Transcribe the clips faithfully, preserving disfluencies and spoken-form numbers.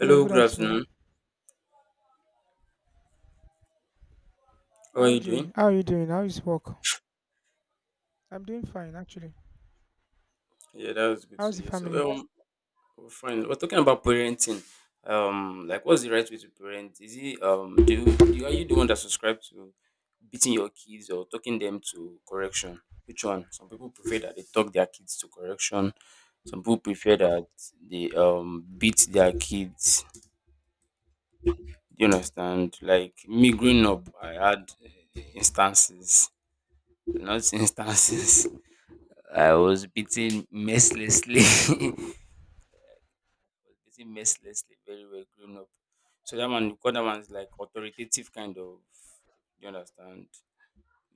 Hello, good good afternoon. afternoon. How are How you doing? doing? How are you doing? How is work? I'm doing fine actually. Yeah, that was good How's to the hear. So, family? um, we're fine. We're talking about parenting. Um, like, what's the right way to parent? Is it um, do you, do you- are you the one that subscribe to beating your kids or talking them to correction? Which one? Some people prefer that they talk their kids to correction. Some people prefer that they um beat their kids. Do you understand? Like me growing up, Um, I had eh, instances, not instances. I was beaten mercilessly. Beaten mercilessly, very well grown up. So that one, because that one's like authoritative kind of, you understand?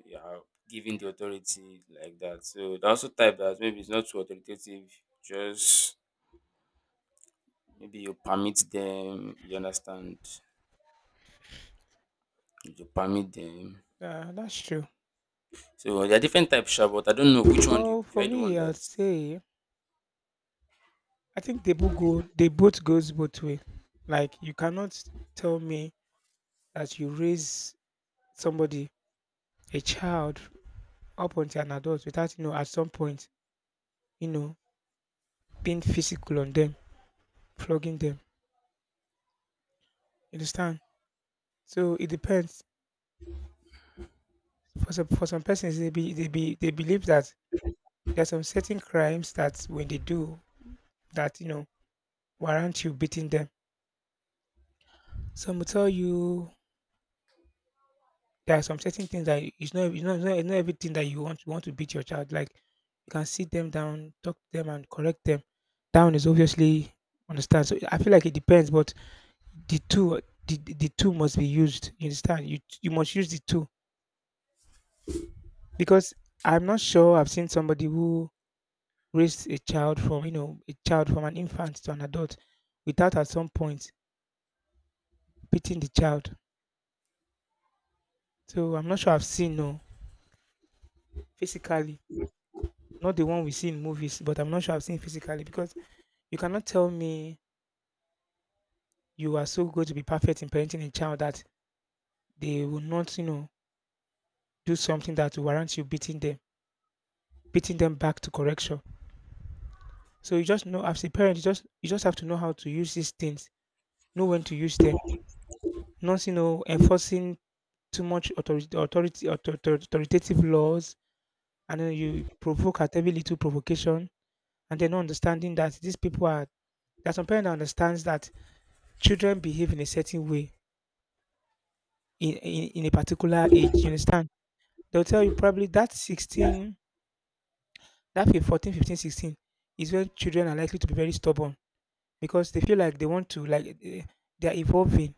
Yeah, giving the authority like that. So they also type that maybe it's not too authoritative. Just maybe you permit them. You understand? You permit them. yeah, that's true. So there are different types, sha, but I don't know which one do you Well, prefer. for I the one me, I'd that. say I think they both go. They both goes both way. Like you cannot tell me that you raise somebody, a child, up until an adult without you know at some point you know being physical on them, flogging them. You understand? So it depends. For some for some persons, they be they be they believe that there are some certain crimes that when they do that you know warrant you beating them. Some will tell you there are some certain things that it's not it's not, it's not, it's not everything that you want you want to beat your child. Like you can sit them down, talk to them, and correct them. Down is obviously understand. So I feel like it depends, but the two the, the the two must be used. You understand? You you must use the two because I'm not sure. I've seen somebody who raised a child from you know a child from an infant to an adult without at some point beating the child. So I'm not sure I've seen no. Physically, not the one we see in movies, but I'm not sure I've seen physically because you cannot tell me you are so good to be perfect in parenting a child that they will not, you know, do something that warrants you beating them, beating them back to correction. So you just know as a parent, you just you just have to know how to use these things, know when to use them, not you know enforcing too much authority, authority author- authoritative laws, and then you provoke at every little provocation, and then not understanding that these people are. There are some parents that understands that children behave in a certain way in in, in a particular age, you understand. They'll tell you probably that sixteen, that fif- fourteen, fifteen, sixteen is when children are likely to be very stubborn because they feel like they want to like eh, they are evolving.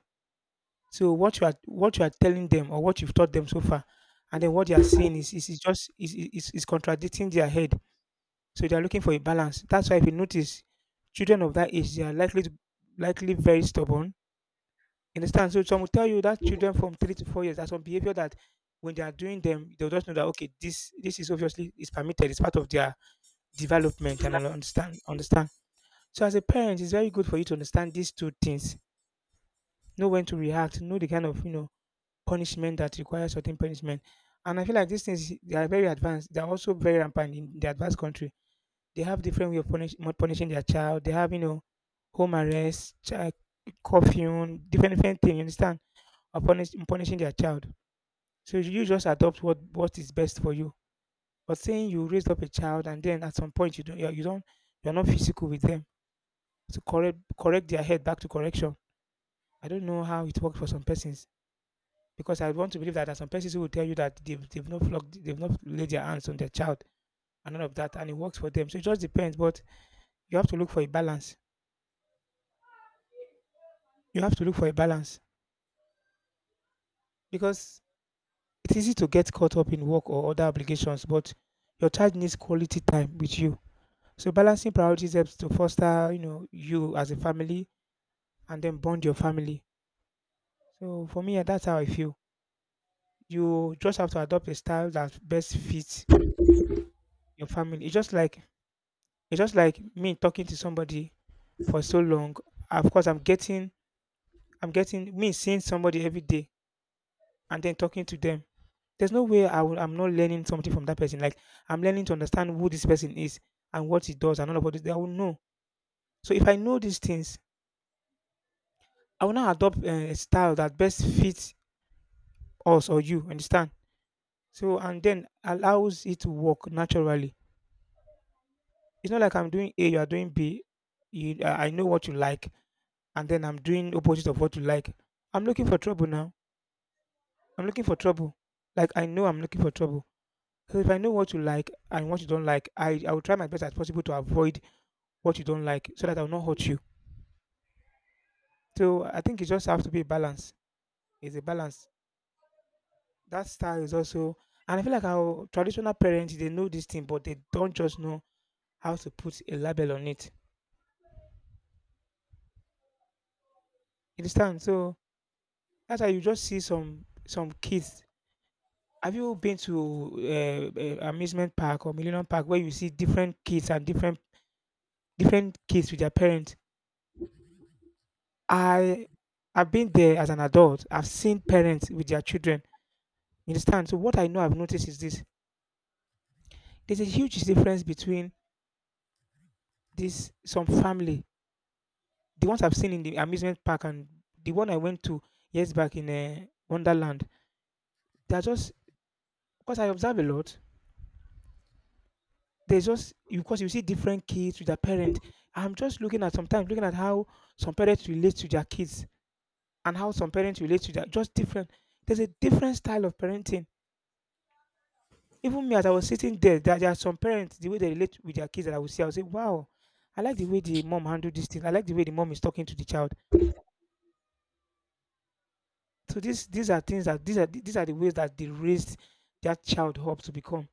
So what you are what you are telling them or what you've taught them so far, and then what they are seeing is is, is just is, is is is contradicting their head. So they are looking for a balance. That's why if you notice children of that age, they are likely to likely very stubborn. You understand? So some will tell you that children from three to four years are some behavior that when they are doing them, they'll just know that okay, this this is obviously is permitted, it's part of their development and all understand understand. So as a parent, it's very good for you to understand these two things. Know when to react, know the kind of you know punishment that requires certain punishment. And I feel like these things they are very advanced. They are also very rampant in the advanced country. They have different way of punish, punishing their child. They have you know home arrest, child curfew, different different thing. You understand? Or punish, punishing their child. So you just adopt what what is best for you. But saying you raised up a child and then at some point you don't you don't you're not physical with them to correct correct their head back to correction. I don't know how it works for some persons because I want to believe that there are some persons who will tell you that they've, they've not flogged, they've not laid their hands on their child and none of that, and it works for them. So it just depends. But you have to look for a balance. You have to look for a balance because it's easy to get caught up in work or other obligations, but your child needs quality time with you. So balancing priorities helps to foster, you know, you as a family and then bond your family. So for me, yeah, that's how I feel. You just have to adopt a style that best fits your family. It's just like it's just like me talking to somebody for so long. Of course, I'm getting I'm getting me seeing somebody every day and then talking to them. There's no way I will, I'm not learning something from that person. Like I'm learning to understand who this person is and what he does and all about this. I will know. So if I know these things, I will now adopt uh, a style that best fits us or you. Understand? So and then allows it to work naturally. It's not like I'm doing A, you are doing B. You, I I know what you like, and then I'm doing opposite of what you like. I'm looking for trouble now. I'm looking for trouble. Like I know I'm looking for trouble. So if I know what you like and what you don't like, I, I will try my best as possible to avoid what you don't like so that I will not hurt you. So I think it just has to be a balance. It's a balance. That style is also and I feel like our traditional parents they know this thing, but they don't just know how to put a label on it. You understand? So that's how you just see some some kids. Have you been to uh, uh, amusement park or Millennium Park where you see different kids and different different kids with their parents? I I've been there as an adult. I've seen parents with their children. You understand? So what I know I've noticed is this: there's a huge difference between this some family, the ones I've seen in the amusement park and the one I went to years back in uh, Wonderland. They are just because I observe a lot. There's just you because you see different kids with their parents. I'm just looking at sometimes looking at how some parents relate to their kids and how some parents relate to their just different. There's a different style of parenting. Even me, as I was sitting there, there, there are some parents the way they relate with their kids that I will see. I will say, "Wow, I like the way the mom handled this thing. I like the way the mom is talking to the child." So these these are things that these are these are the ways that they raised their child up to become.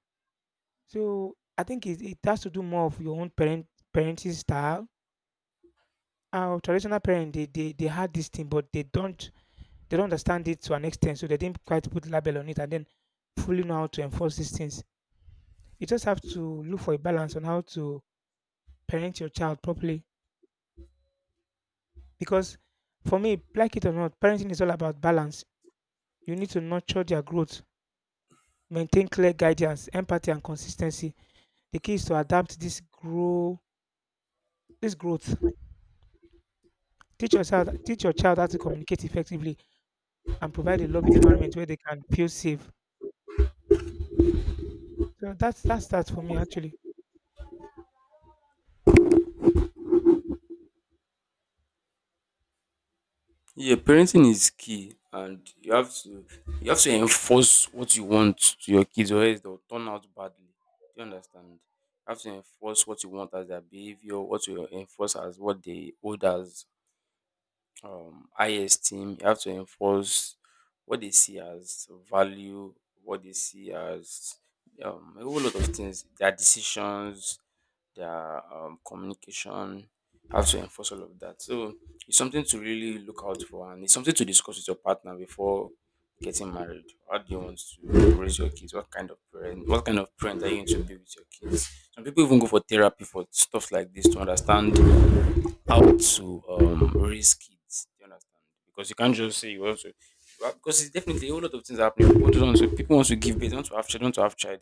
So I think it, it has to do more of your own parent parenting style. Our traditional parents, they they they had this thing, but they don't they don't understand it to an extent, so they didn't quite put label on it and then fully know how to enforce these things. You just have to look for a balance on how to parent your child properly. Because for me, like it or not, parenting is all about balance. You need to nurture their growth, maintain clear guidance, empathy, and consistency. The key is to adapt this grow this growth. Teach yourself teach your child how to communicate effectively and provide a loving environment where they can feel safe. So that's that's that for me actually. Yeah, parenting is key and you have to you have to enforce what you want to your kids or else they'll turn out badly. Do you understand? You have to enforce what you want as their behavior, what you enforce as what they hold as um, high esteem. You have to enforce what they see as value, what they see as um, a whole lot of things. Their decisions, their um, communication. You have to enforce all of that. So it's something to really look out for, and it's something to discuss with your partner before getting married. How do you want to raise your kids? What kind of parent? What kind of parent are you going to be with your kids? Some people even go for therapy for stuff like this to understand how to um raise kids. You understand? Because you can't just say you want to. well, Because it's definitely a whole lot of things happening. People just want to, people want to give birth, they want to have child, want to have child,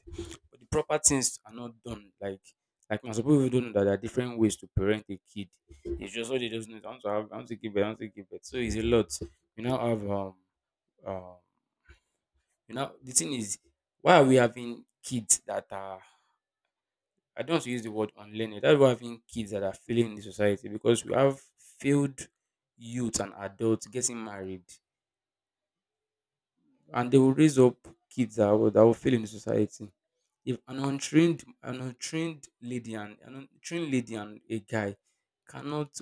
but the proper things are not done. Like like most people who don't know that there are different ways to parent a kid. It's just all they just need. I want to have, I want to give birth, I want to give birth. So it's a lot. You now have um um you know the thing is, why are we having kids that are, I don't want to use the word unlearned. That's why having kids that are failing in the society, because we have failed youth and adults getting married, and they will raise up kids that will, that will fail in the society. If an untrained an untrained lady and an untrained lady and a guy cannot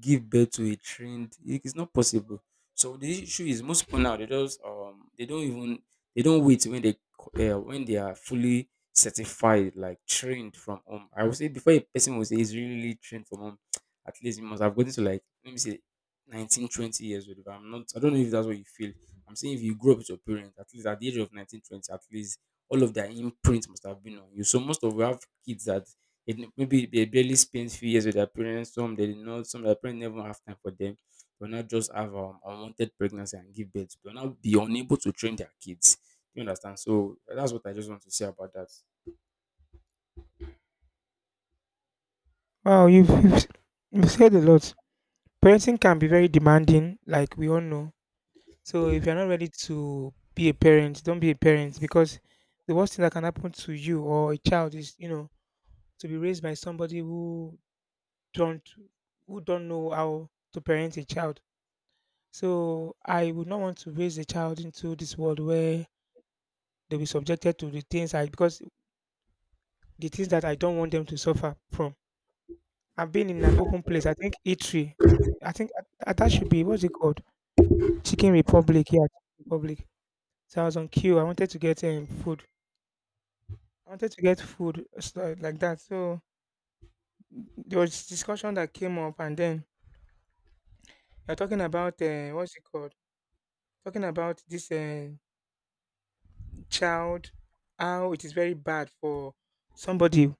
give birth to a trained, it is not possible. So the issue is, most people now, they just um they don't even, they don't wait. When they co- uh, when they are fully certified, like trained from home, I would say, before a person will say he's really really trained from home. At least he must have gotten to like, let me say, nineteen twenty years old, if I'm not, I don't know if that's what you feel. I'm saying, if you grew up with your parents, at least at the age of nineteen twenty, at least all of their imprint must have been on you. So most of we have kids that, they maybe, they barely spend few years with their parents. Some they did not. Some their parents never have time for them. They will not just have um, unwanted pregnancy and give birth. They will not be unable to train their kids. You understand? So that's what I just want to say about that. Wow, you've you've, s- you've said a lot. Parenting can be very demanding, like we all know. So if you're not ready to be a parent, don't be a parent because the worst thing that can happen to you or a child is, you know, to be raised by somebody who don't who don't know how to parent a child. So I would not want to raise a child into this world where they'll be subjected to the things I because the things that I don't want them to suffer from. I've been in an open place. I think eatery. I think that, that should be what's it called? Chicken Republic. Yeah, Chicken Republic. So I was on queue. I wanted to get um, food. I wanted to get food stuff like that. So there was discussion that came up, and then you're talking about uh, what's it called? Talking about this uh, child, how it is very bad for somebody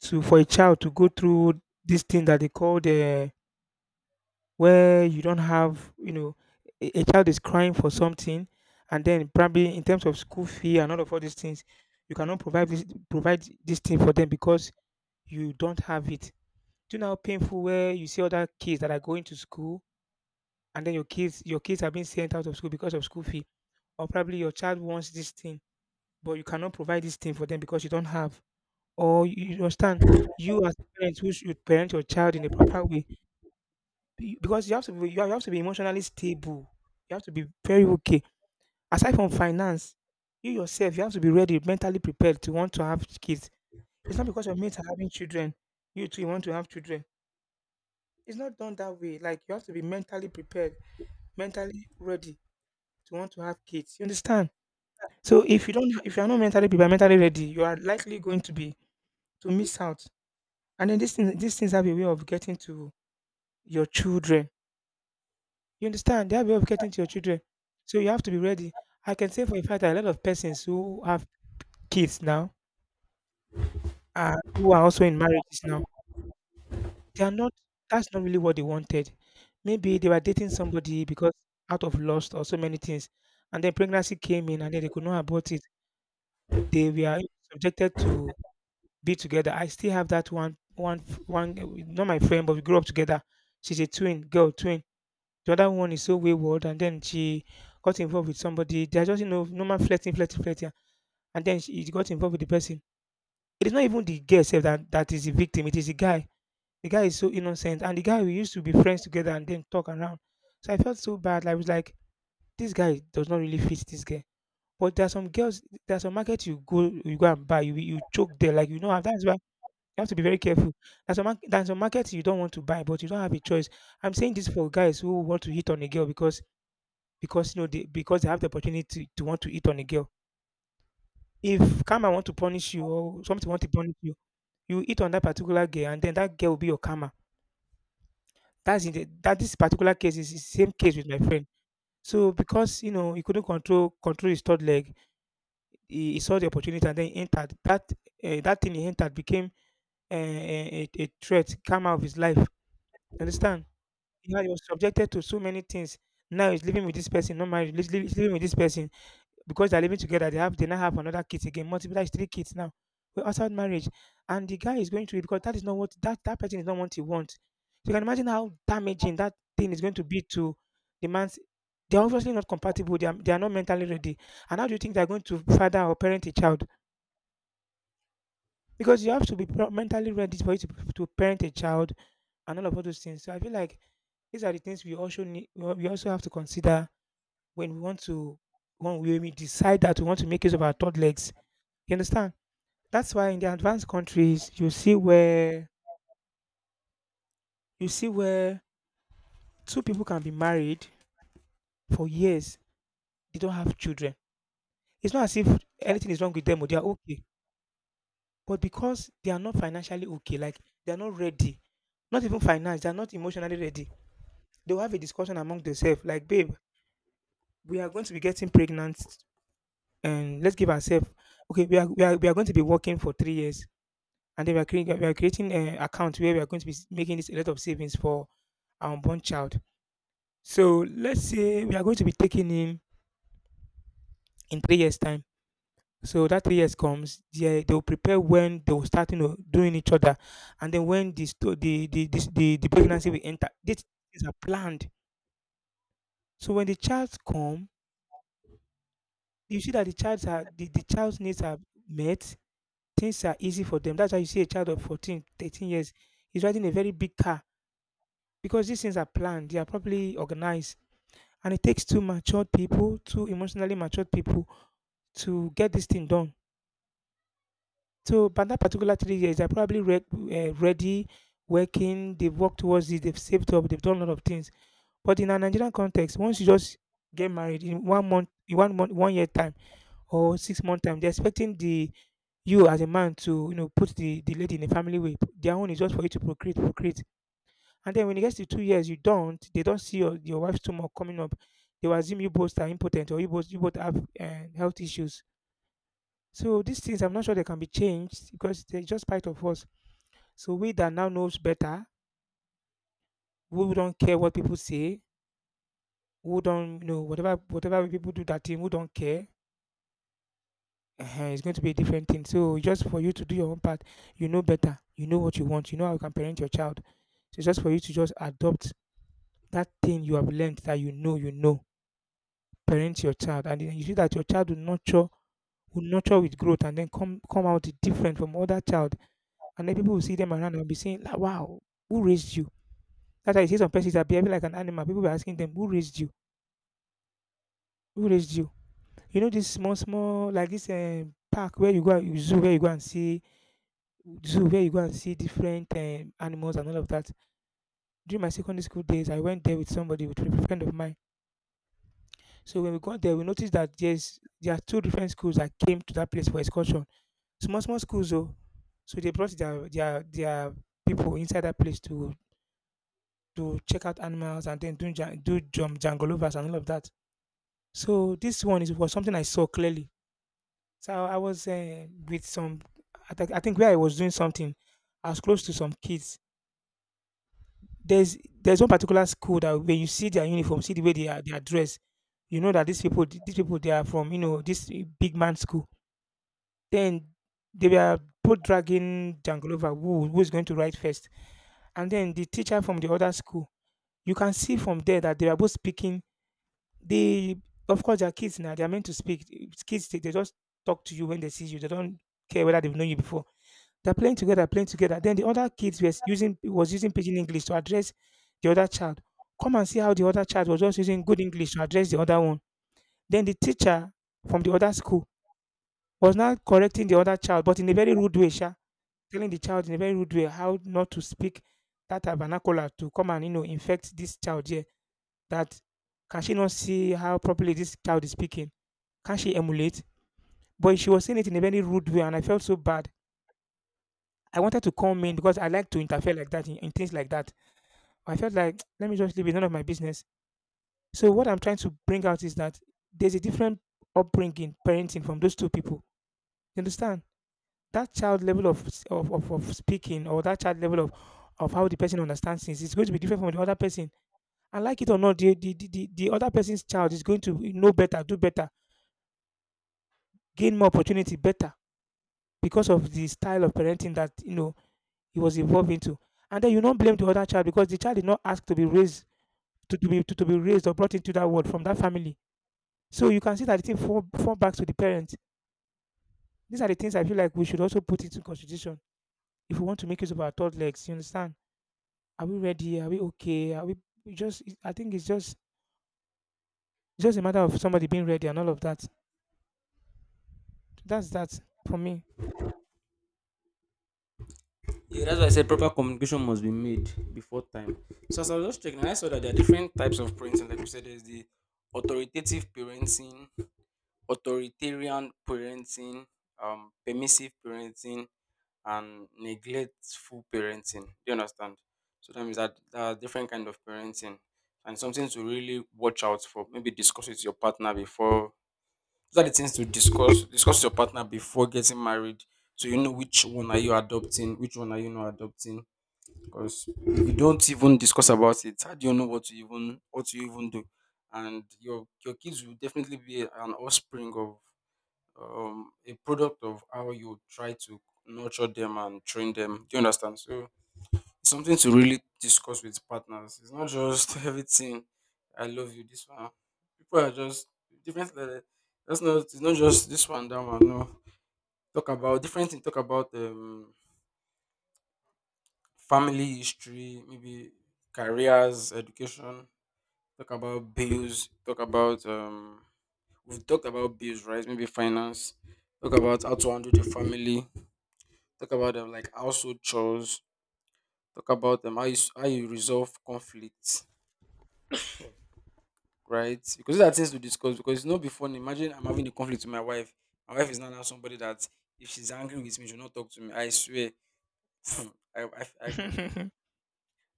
to for a child to go through this thing that they call the where you don't have, you know a, a child is crying for something, and then probably in terms of school fee and all of all these things, you cannot provide this provide this thing for them because you don't have it. Do you know how painful, where you see other kids that are going to school, and then your kids your kids are being sent out of school because of school fee? Or probably your child wants this thing, but you cannot provide this thing for them because you don't have. Or you you understand, you as parents who should parent your child in a proper way. Be Because you have to be you have to be emotionally stable. You have to be very okay. Aside from finance, you yourself, you have to be ready, mentally prepared to want to have kids. It's not because your mates are having children, you too you want to have children. It's not done that way. Like, you have to be mentally prepared, mentally ready to want to have kids. You understand? So if you don't, if you are not mentally prepared, mentally ready, you are likely going to be, to miss out. And then these things, these things have a way of getting to your children. You understand? They have a way of getting to your children. So you have to be ready. I can say for a fact that a lot of persons who have kids now, and who are also in marriages now, they are not, that's not really what they wanted. Maybe they were dating somebody because, out of lust or so many things. And then pregnancy came in, and then they could not abort it. They were subjected to be together. I still have that one one one, not my friend, but we grew up together. She's a twin, girl, twin. The other one is so wayward, and then she got involved with somebody. They are just, you know, normal flirting, flirting, flirting, and then she she got involved with the person. It is not even the girl herself that that is the victim. It is the guy. The guy is so innocent, and the guy, we used to be friends together and then talk around. So I felt so bad. I was like, this guy does not really fit this girl. But there are some girls, there are some markets you go, you go and buy, you you choke there. Like, you know, that's why you have to be very careful. There's some mar- there's some markets you don't want to buy, but you don't have a choice. I'm saying this for guys who want to hit on a girl, because because you know they because they have the opportunity to, to want to hit on a girl. If karma want to punish you, or something want to punish you, you hit on that particular girl, and then that girl will be your karma. That's in the, that this particular case is the same case with my friend. So because, you know, he couldn't control control his third leg, he, he saw the opportunity and then he entered. That uh, that thing he entered became uh, a, a a threat, karma of his life. Understand? Yeah, he was subjected to so many things. Now he's living with this person. Not married. He's li- he's living with this person because they're living together, they have they now have another kid again. Multiply is three kids now. We're outside marriage, and the guy is going through it because that is not what, that that person is not what he wants. So you can imagine how damaging that thing is going to be to the man's. They're obviously not compatible. They are, they are not mentally ready. And how do you think they're going to father or parent a child? Because you have to be pro- mentally ready for you to, to parent a child, and all of all those things. So I feel like these are the things we also need. We al- we also have to consider when we want to, when we decide that we want to make use of our third legs, you understand? That's why in the advanced countries you see where you see where two people can be married for years, they don't have children. It's not as if anything is wrong with them, or they are okay. But because they are not financially okay, like, they are not ready, not even finance, they are not emotionally ready. They'll have a discussion among themselves, like, "Babe, we are going to be getting pregnant, and let's give ourselves, okay, we are, we are we are going to be working for three years, and then we are creating we are creating an account where we are going to be making this a lot of savings for our unborn child. So let's say we are going to be taking him in three years' time." So that three years comes, they they will prepare when they will start, you know, doing each other, and then when the sto- the the the, the, the pregnancy will enter. These things are planned. So when the child come, you see that the child's are the, the child's needs are met. Things are easy for them. That's why you see a child of fourteen, thirteen years, is riding a very big car because these things are planned. They are properly organized, and it takes two matured people, two emotionally matured people, to get this thing done. So by that particular three years, they're probably re- uh, ready, working, they've worked towards it, they've saved up, they've done a lot of things. But in a Nigerian context, once you just get married, in one month, in one month, one year time or six month time, they're expecting the you as a man to, you know, put the, the lady in a family way. Their own is just for you to procreate, procreate. And then when it gets to two years, you don't, they don't see your, your wife's tumor coming up. They will assume you both are impotent, or you both you both have uh, health issues. So these things, I'm not sure they can be changed because they're just part of us. So we that now knows better, who don't care what people say, who don't, you know, whatever whatever people do that thing, who don't care, uh it's going to be a different thing. So just for you to do your own part, you know better, you know what you want, you know how you can parent your child. So just for you to just adopt that thing you have learned, that you know you know, parent your child, and then you see that your child will nurture will nurture with growth, and then come come out different from other child, and then people will see them around and be saying, like, "Wow, who raised you?" That's why you see some persons are behaving like an animal. People will be asking them, "Who raised you? Who raised you?" You know this small, small, like this um, park where you go, and zoo where you go and see zoo where you go and see different um, animals and all of that. During my secondary school days, I went there with somebody with a friend of mine. So when we got there, we noticed that there's there are two different schools that came to that place for excursion. Small, small schools though. So they brought their their their people inside that place to to check out animals and then do jan- do jump jangolovers and all of that. So this one is was something I saw clearly. So I was uh, with some, I, th- I think where I was doing something, I was close to some kids. There's there's one particular school that when you see their uniform, see the way they are, they are dressed, you know that these people, these people, they are from, you know, this eh, big man school. Then they were both dragging Jangalova, who who is going to write first, and then the teacher from the other school. You can see from there that they are both speaking. They, of course, they are kids now. They are meant to speak. Kids, they, they just talk to you when they see you. They don't care whether they've known you before. They're playing together, playing together. Then the other kids was using was using pidgin English to address the other child. Come and see how the other child was just using good English to address the other one. Then the teacher from the other school was now correcting the other child, but in a very rude way, sha, telling the child in a very rude way how not to speak that vernacular to come and, you know, infect this child here. That, can she not see how properly this child is speaking? Can she emulate? But she was saying it in a very rude way, and I felt so bad. I wanted to come in because I like to interfere like that in, in things like that. I felt like, let me just leave it, none of my business. So what I'm trying to bring out is that there's a different upbringing, parenting from those two people. You understand? That child level of s- of, of, of speaking or that child level of of how the person understands things is going to be different from the other person. And like it or not, the the, the, the the other person's child is going to know better, do better, gain more opportunity better because of the style of parenting that you know he was evolved into. And then you don't blame the other child because the child did not ask to be raised to, to be to, to be raised or brought into that world from that family. So you can see that the thing fall, fall back to the parents. These are the things I feel like we should also put into constitution if we want to make use of our third legs. You understand? Are we ready? Are we okay? Are we, we just? it- I think it's just it's just a matter of somebody being ready and all of that. That's that for me. Yeah, that's why I said proper communication must be made before time. So as I was just checking, I saw that there are different types of parenting. Like you said, there's the authoritative parenting, authoritarian parenting, um, permissive parenting, and neglectful parenting. Do you understand? So that means that there are different kind of parenting and something to really watch out for. Maybe discuss with your partner before. Those are the things to discuss discuss with your partner before getting married. So you know which one are you adopting, which one are you not adopting. Because if you don't even discuss about it, how do you know what to even what to even do? And your your kids will definitely be an offspring of um, a product of how you try to nurture them and train them. Do you understand? So it's something to really discuss with partners. It's not just everything. I love you. This one. People are just different. uh, That's not. It's not just this one. That one. No. Talk about different things. Talk about um, family history. Maybe careers, education. Talk about bills. Talk about um. We've talked about bills, right? Maybe finance. Talk about how to handle the family, talk about um, like household chores, talk about um, how you s- how you resolve conflicts, right? Because these are things to discuss. Because it's not be fun. Imagine I'm having a conflict with my wife. My wife is not now somebody that, if she's angry with me, she'll not talk to me. I swear, I, I, I go I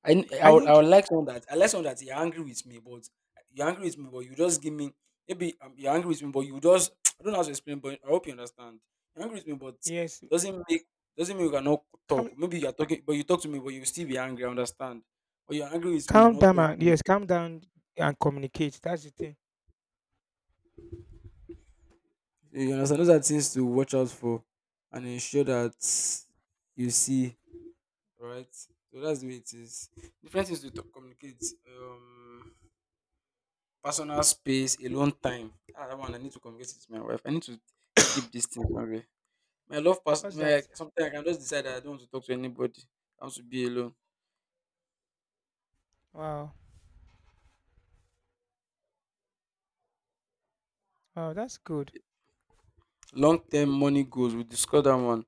I, n- I would I think would like someone that, I like someone that, you're angry with me, but you're angry with me, but you just give me maybe um, you're angry with me, but you just I don't know how to explain, but I hope you understand. You're angry with me, but yes. doesn't make doesn't mean we cannot Calm, talk. Maybe you're talking, but you talk to me, but you still be angry. I understand. But you're angry with me, you're calm not down. And, talking. yes, calm down and communicate. That's the thing. You understand? Those are things to watch out for, and ensure that you see right. So that's the way it is. Different things to talk, communicate. Um. Personal space, alone time. Ah, that one I need to communicate with my wife. I need to keep this thing away. My love person, What's my that? sometimes I can just decide that I don't want to talk to anybody. I want to be alone. Wow, wow, that's good. Long term money goals, we discuss that one.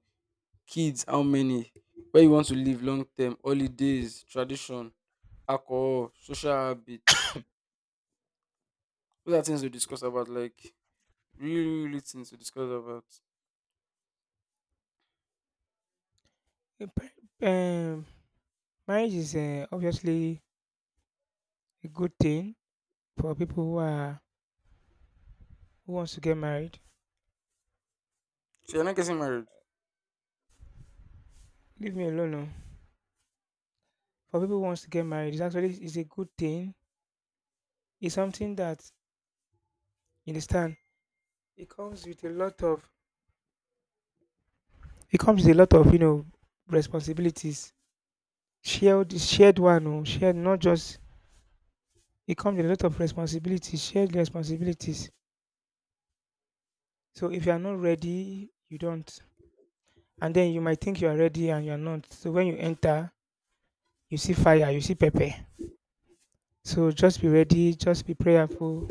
Kids, how many? Where you want to live long term, holidays, tradition, alcohol, social habits. Those are things we discuss about, like really, really things to discuss about. Eh, pa- Um, marriage is uh, obviously a good thing for people who are who wants to get married. So you're not getting married. Leave me alone oh. For people who wants to get married, it's actually it's a good thing. It's something that you understand. It comes with a lot of it comes with a lot of you know responsibilities. Shared shared one oh, shared not just It comes with a lot of responsibilities, shared responsibilities. So if you are not ready, you don't. And then you might think you are ready and you are not. So when you enter, you see fire, you see pepper. So just be ready, just be prayerful,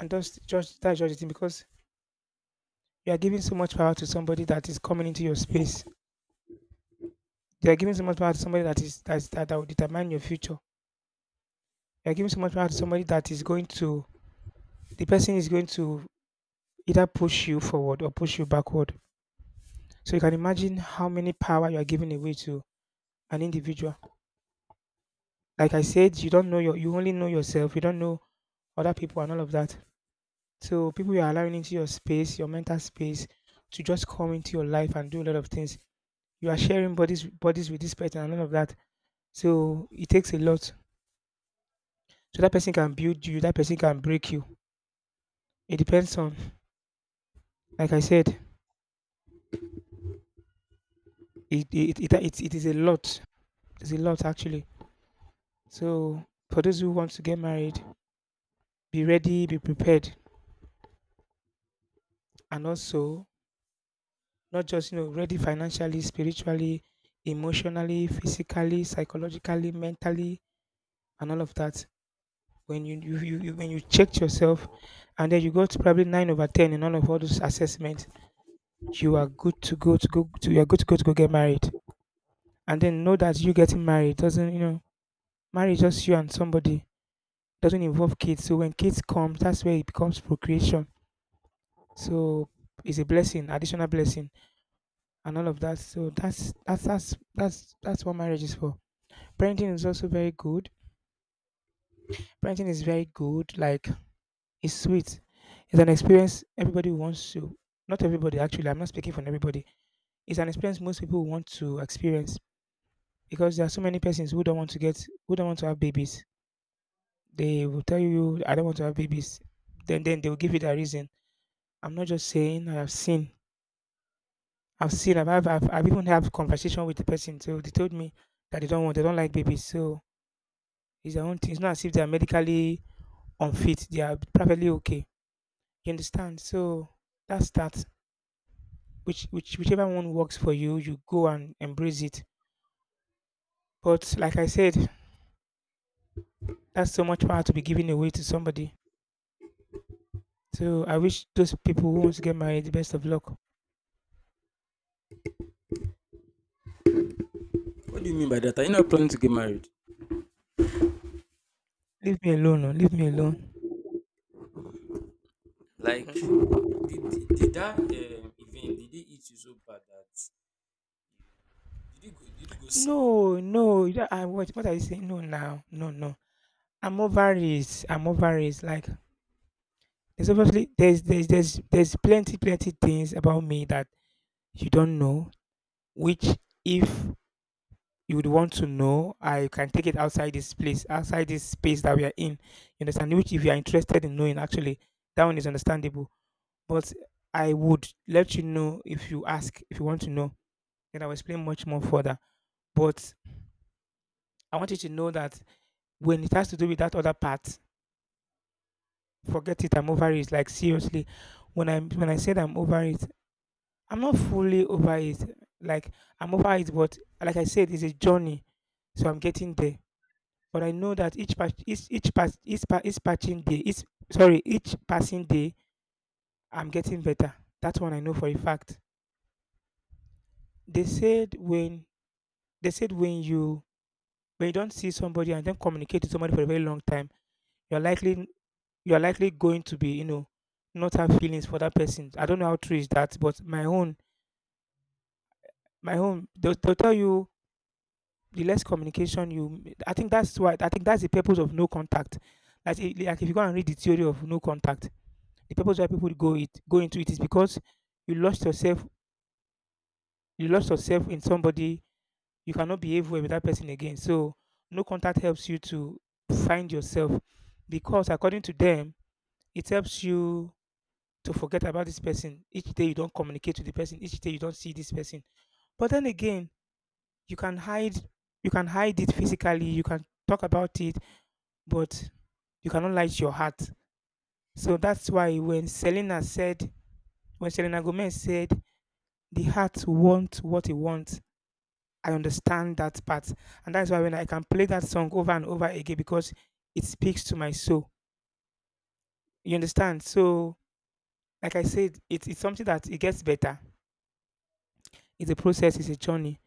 and just just that's just the thing, because you are giving so much power to somebody that is coming into your space. You are giving so much power to somebody that is that, is, that, that will determine your future. You are giving so much power to somebody that is going to the person is going to either push you forward or push you backward. So you can imagine how many power you are giving away to an individual. Like I said, you don't know your you only know yourself. You don't know other people and all of that. So people you are allowing into your space, your mental space, to just come into your life and do a lot of things. You are sharing bodies bodies with this person and all of that. So it takes a lot. So that person can build you, that person can break you. It depends on, like I said, it it it, it, it is a lot. It's a lot actually. So for those who want to get married, be ready, be prepared, and also not just you know ready financially, spiritually, emotionally, physically, psychologically, mentally, and all of that. When you, you, you, you when you checked yourself, and then you got probably nine over ten in all of all those assessments, you are good to go to go to you are good to go to go get married. And then know that you getting married doesn't, you know, marriage just you and somebody doesn't involve kids. So when kids come, that's where it becomes procreation. So it's a blessing, additional blessing, and all of that. So that's that's that's that's that's what marriage is for. Parenting is also very good. Parenting is very good. Like, it's sweet. It's an experience everybody wants to. Not everybody actually. I'm not speaking for everybody. It's an experience most people want to experience, because there are so many persons who don't want to get who don't want to have babies. They will tell you, "I don't want to have babies." Then then they will give you their reason. I'm not just saying, I have seen. I've seen. I've I've, I've I've even had conversation with the person. So they told me that they don't want. They don't like babies. So it's their own thing. It's not as if they are medically unfit. They are perfectly okay. You understand? So that's that. Which which whichever one works for you, you go and embrace it. But like I said, that's so much power to be given away to somebody. So I wish those people who want to get married the best of luck. What do you mean by that? Are you not planning to get married? Leave me alone. oh, Leave me alone. Like, did, did, did that um, event, did it eat you so bad that you did you go did you go sick? No, no, you don't- I what what are you saying? No now. No, no. I'm over it. I'm over it. Like, there's obviously there's there's there's there's plenty, plenty things about me that you don't know, which if you would want to know, I can take it outside this place, outside this space that we are in. You understand? Which if you are interested in knowing, actually, that one is understandable. But I would let you know if you ask, if you want to know, then I will explain much more further. But I want you to know that when it has to do with that other part, forget it. I'm over it. Like, seriously, when i when i said I'm over it, I'm not fully over it. Like, I'm over it, but like I said, it's a journey. So I'm getting there. But I know that each patch each each pass each, pa- each patching day each sorry each passing day I'm getting better. That one I know for a fact. They said when they said when you when you don't see somebody and then communicate to somebody for a very long time, you're likely, you're likely going to be you know not have feelings for that person. I don't know how true is that, but my own, my own they'll, they'll tell you, the less communication you, I think that's why i think that's the purpose of no contact. Like, i- like if you go and read the theory of no contact, the purpose why people go it go into it is because you lost yourself. You lost yourself in somebody. You cannot behave well with that person again, so no contact helps you to find yourself, because according to them, it helps you to forget about this person, each day you don't communicate with the person, each day you don't see this person. But then again, you can hide, you can hide it physically, you can talk about it, but you cannot light your heart. So that's why when selena said when selena Gomez said, "The heart wants what it wants," I understand that part. And that's why when I can play that song over and over again, because it speaks to my soul. You understand? So like I said, it, it's something that it gets better. It's a process, it's a journey.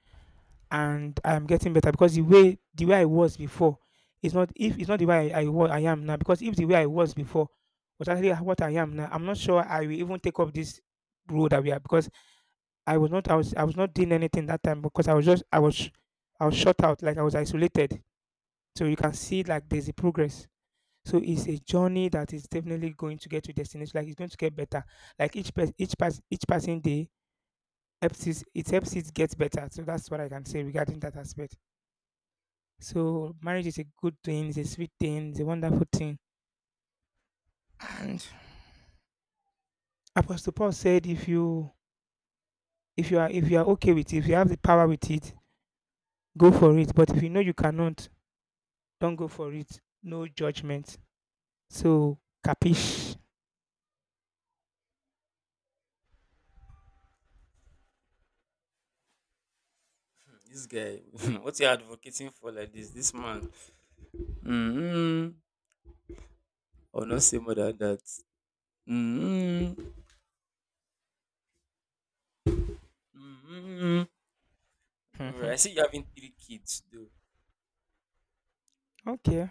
And I'm getting better, because the way the way I was before is not, if it's not the way I, I was I am now. Because if the way I was before was actually what I am now, I'm not sure I will even take up this road that we are. Because I was not I was I was not doing anything that time, because I was just I was sh- I was shut out. Like, I was isolated. So you can see, like, there's a progress. So it's a journey that is definitely going to get to destination. Like, it's going to get better. Like, each pers- each pass each passing day helps it, it helps it get better. So that's what I can say regarding that aspect. So marriage is a good thing, it's a sweet thing, it's a wonderful thing. And Apostle Paul said, if you if you are if you are okay with it, if you have the power with it, go for it. But if you know you cannot, don't go for it. No judgment. So capish. Hmm, this guy, what you advocating for like this? This man, mm or not say more than that. Mm-hmm. mm Don't worry, Mhm. I see you having three kids though. Okay,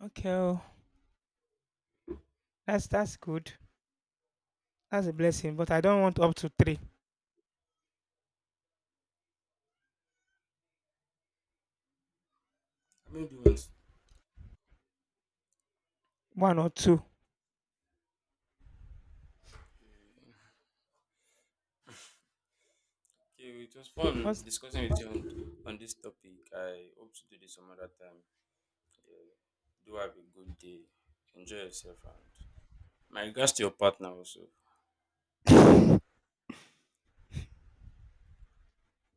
okay. oh, That's that's good. That's a blessing. But I don't want up to three, How many do you want? one or two. Okay, it was fun What's discussing with you on, on this topic. I hope to do this some other time. Yeah. Do have a good day. Enjoy yourself and my regards to your partner also.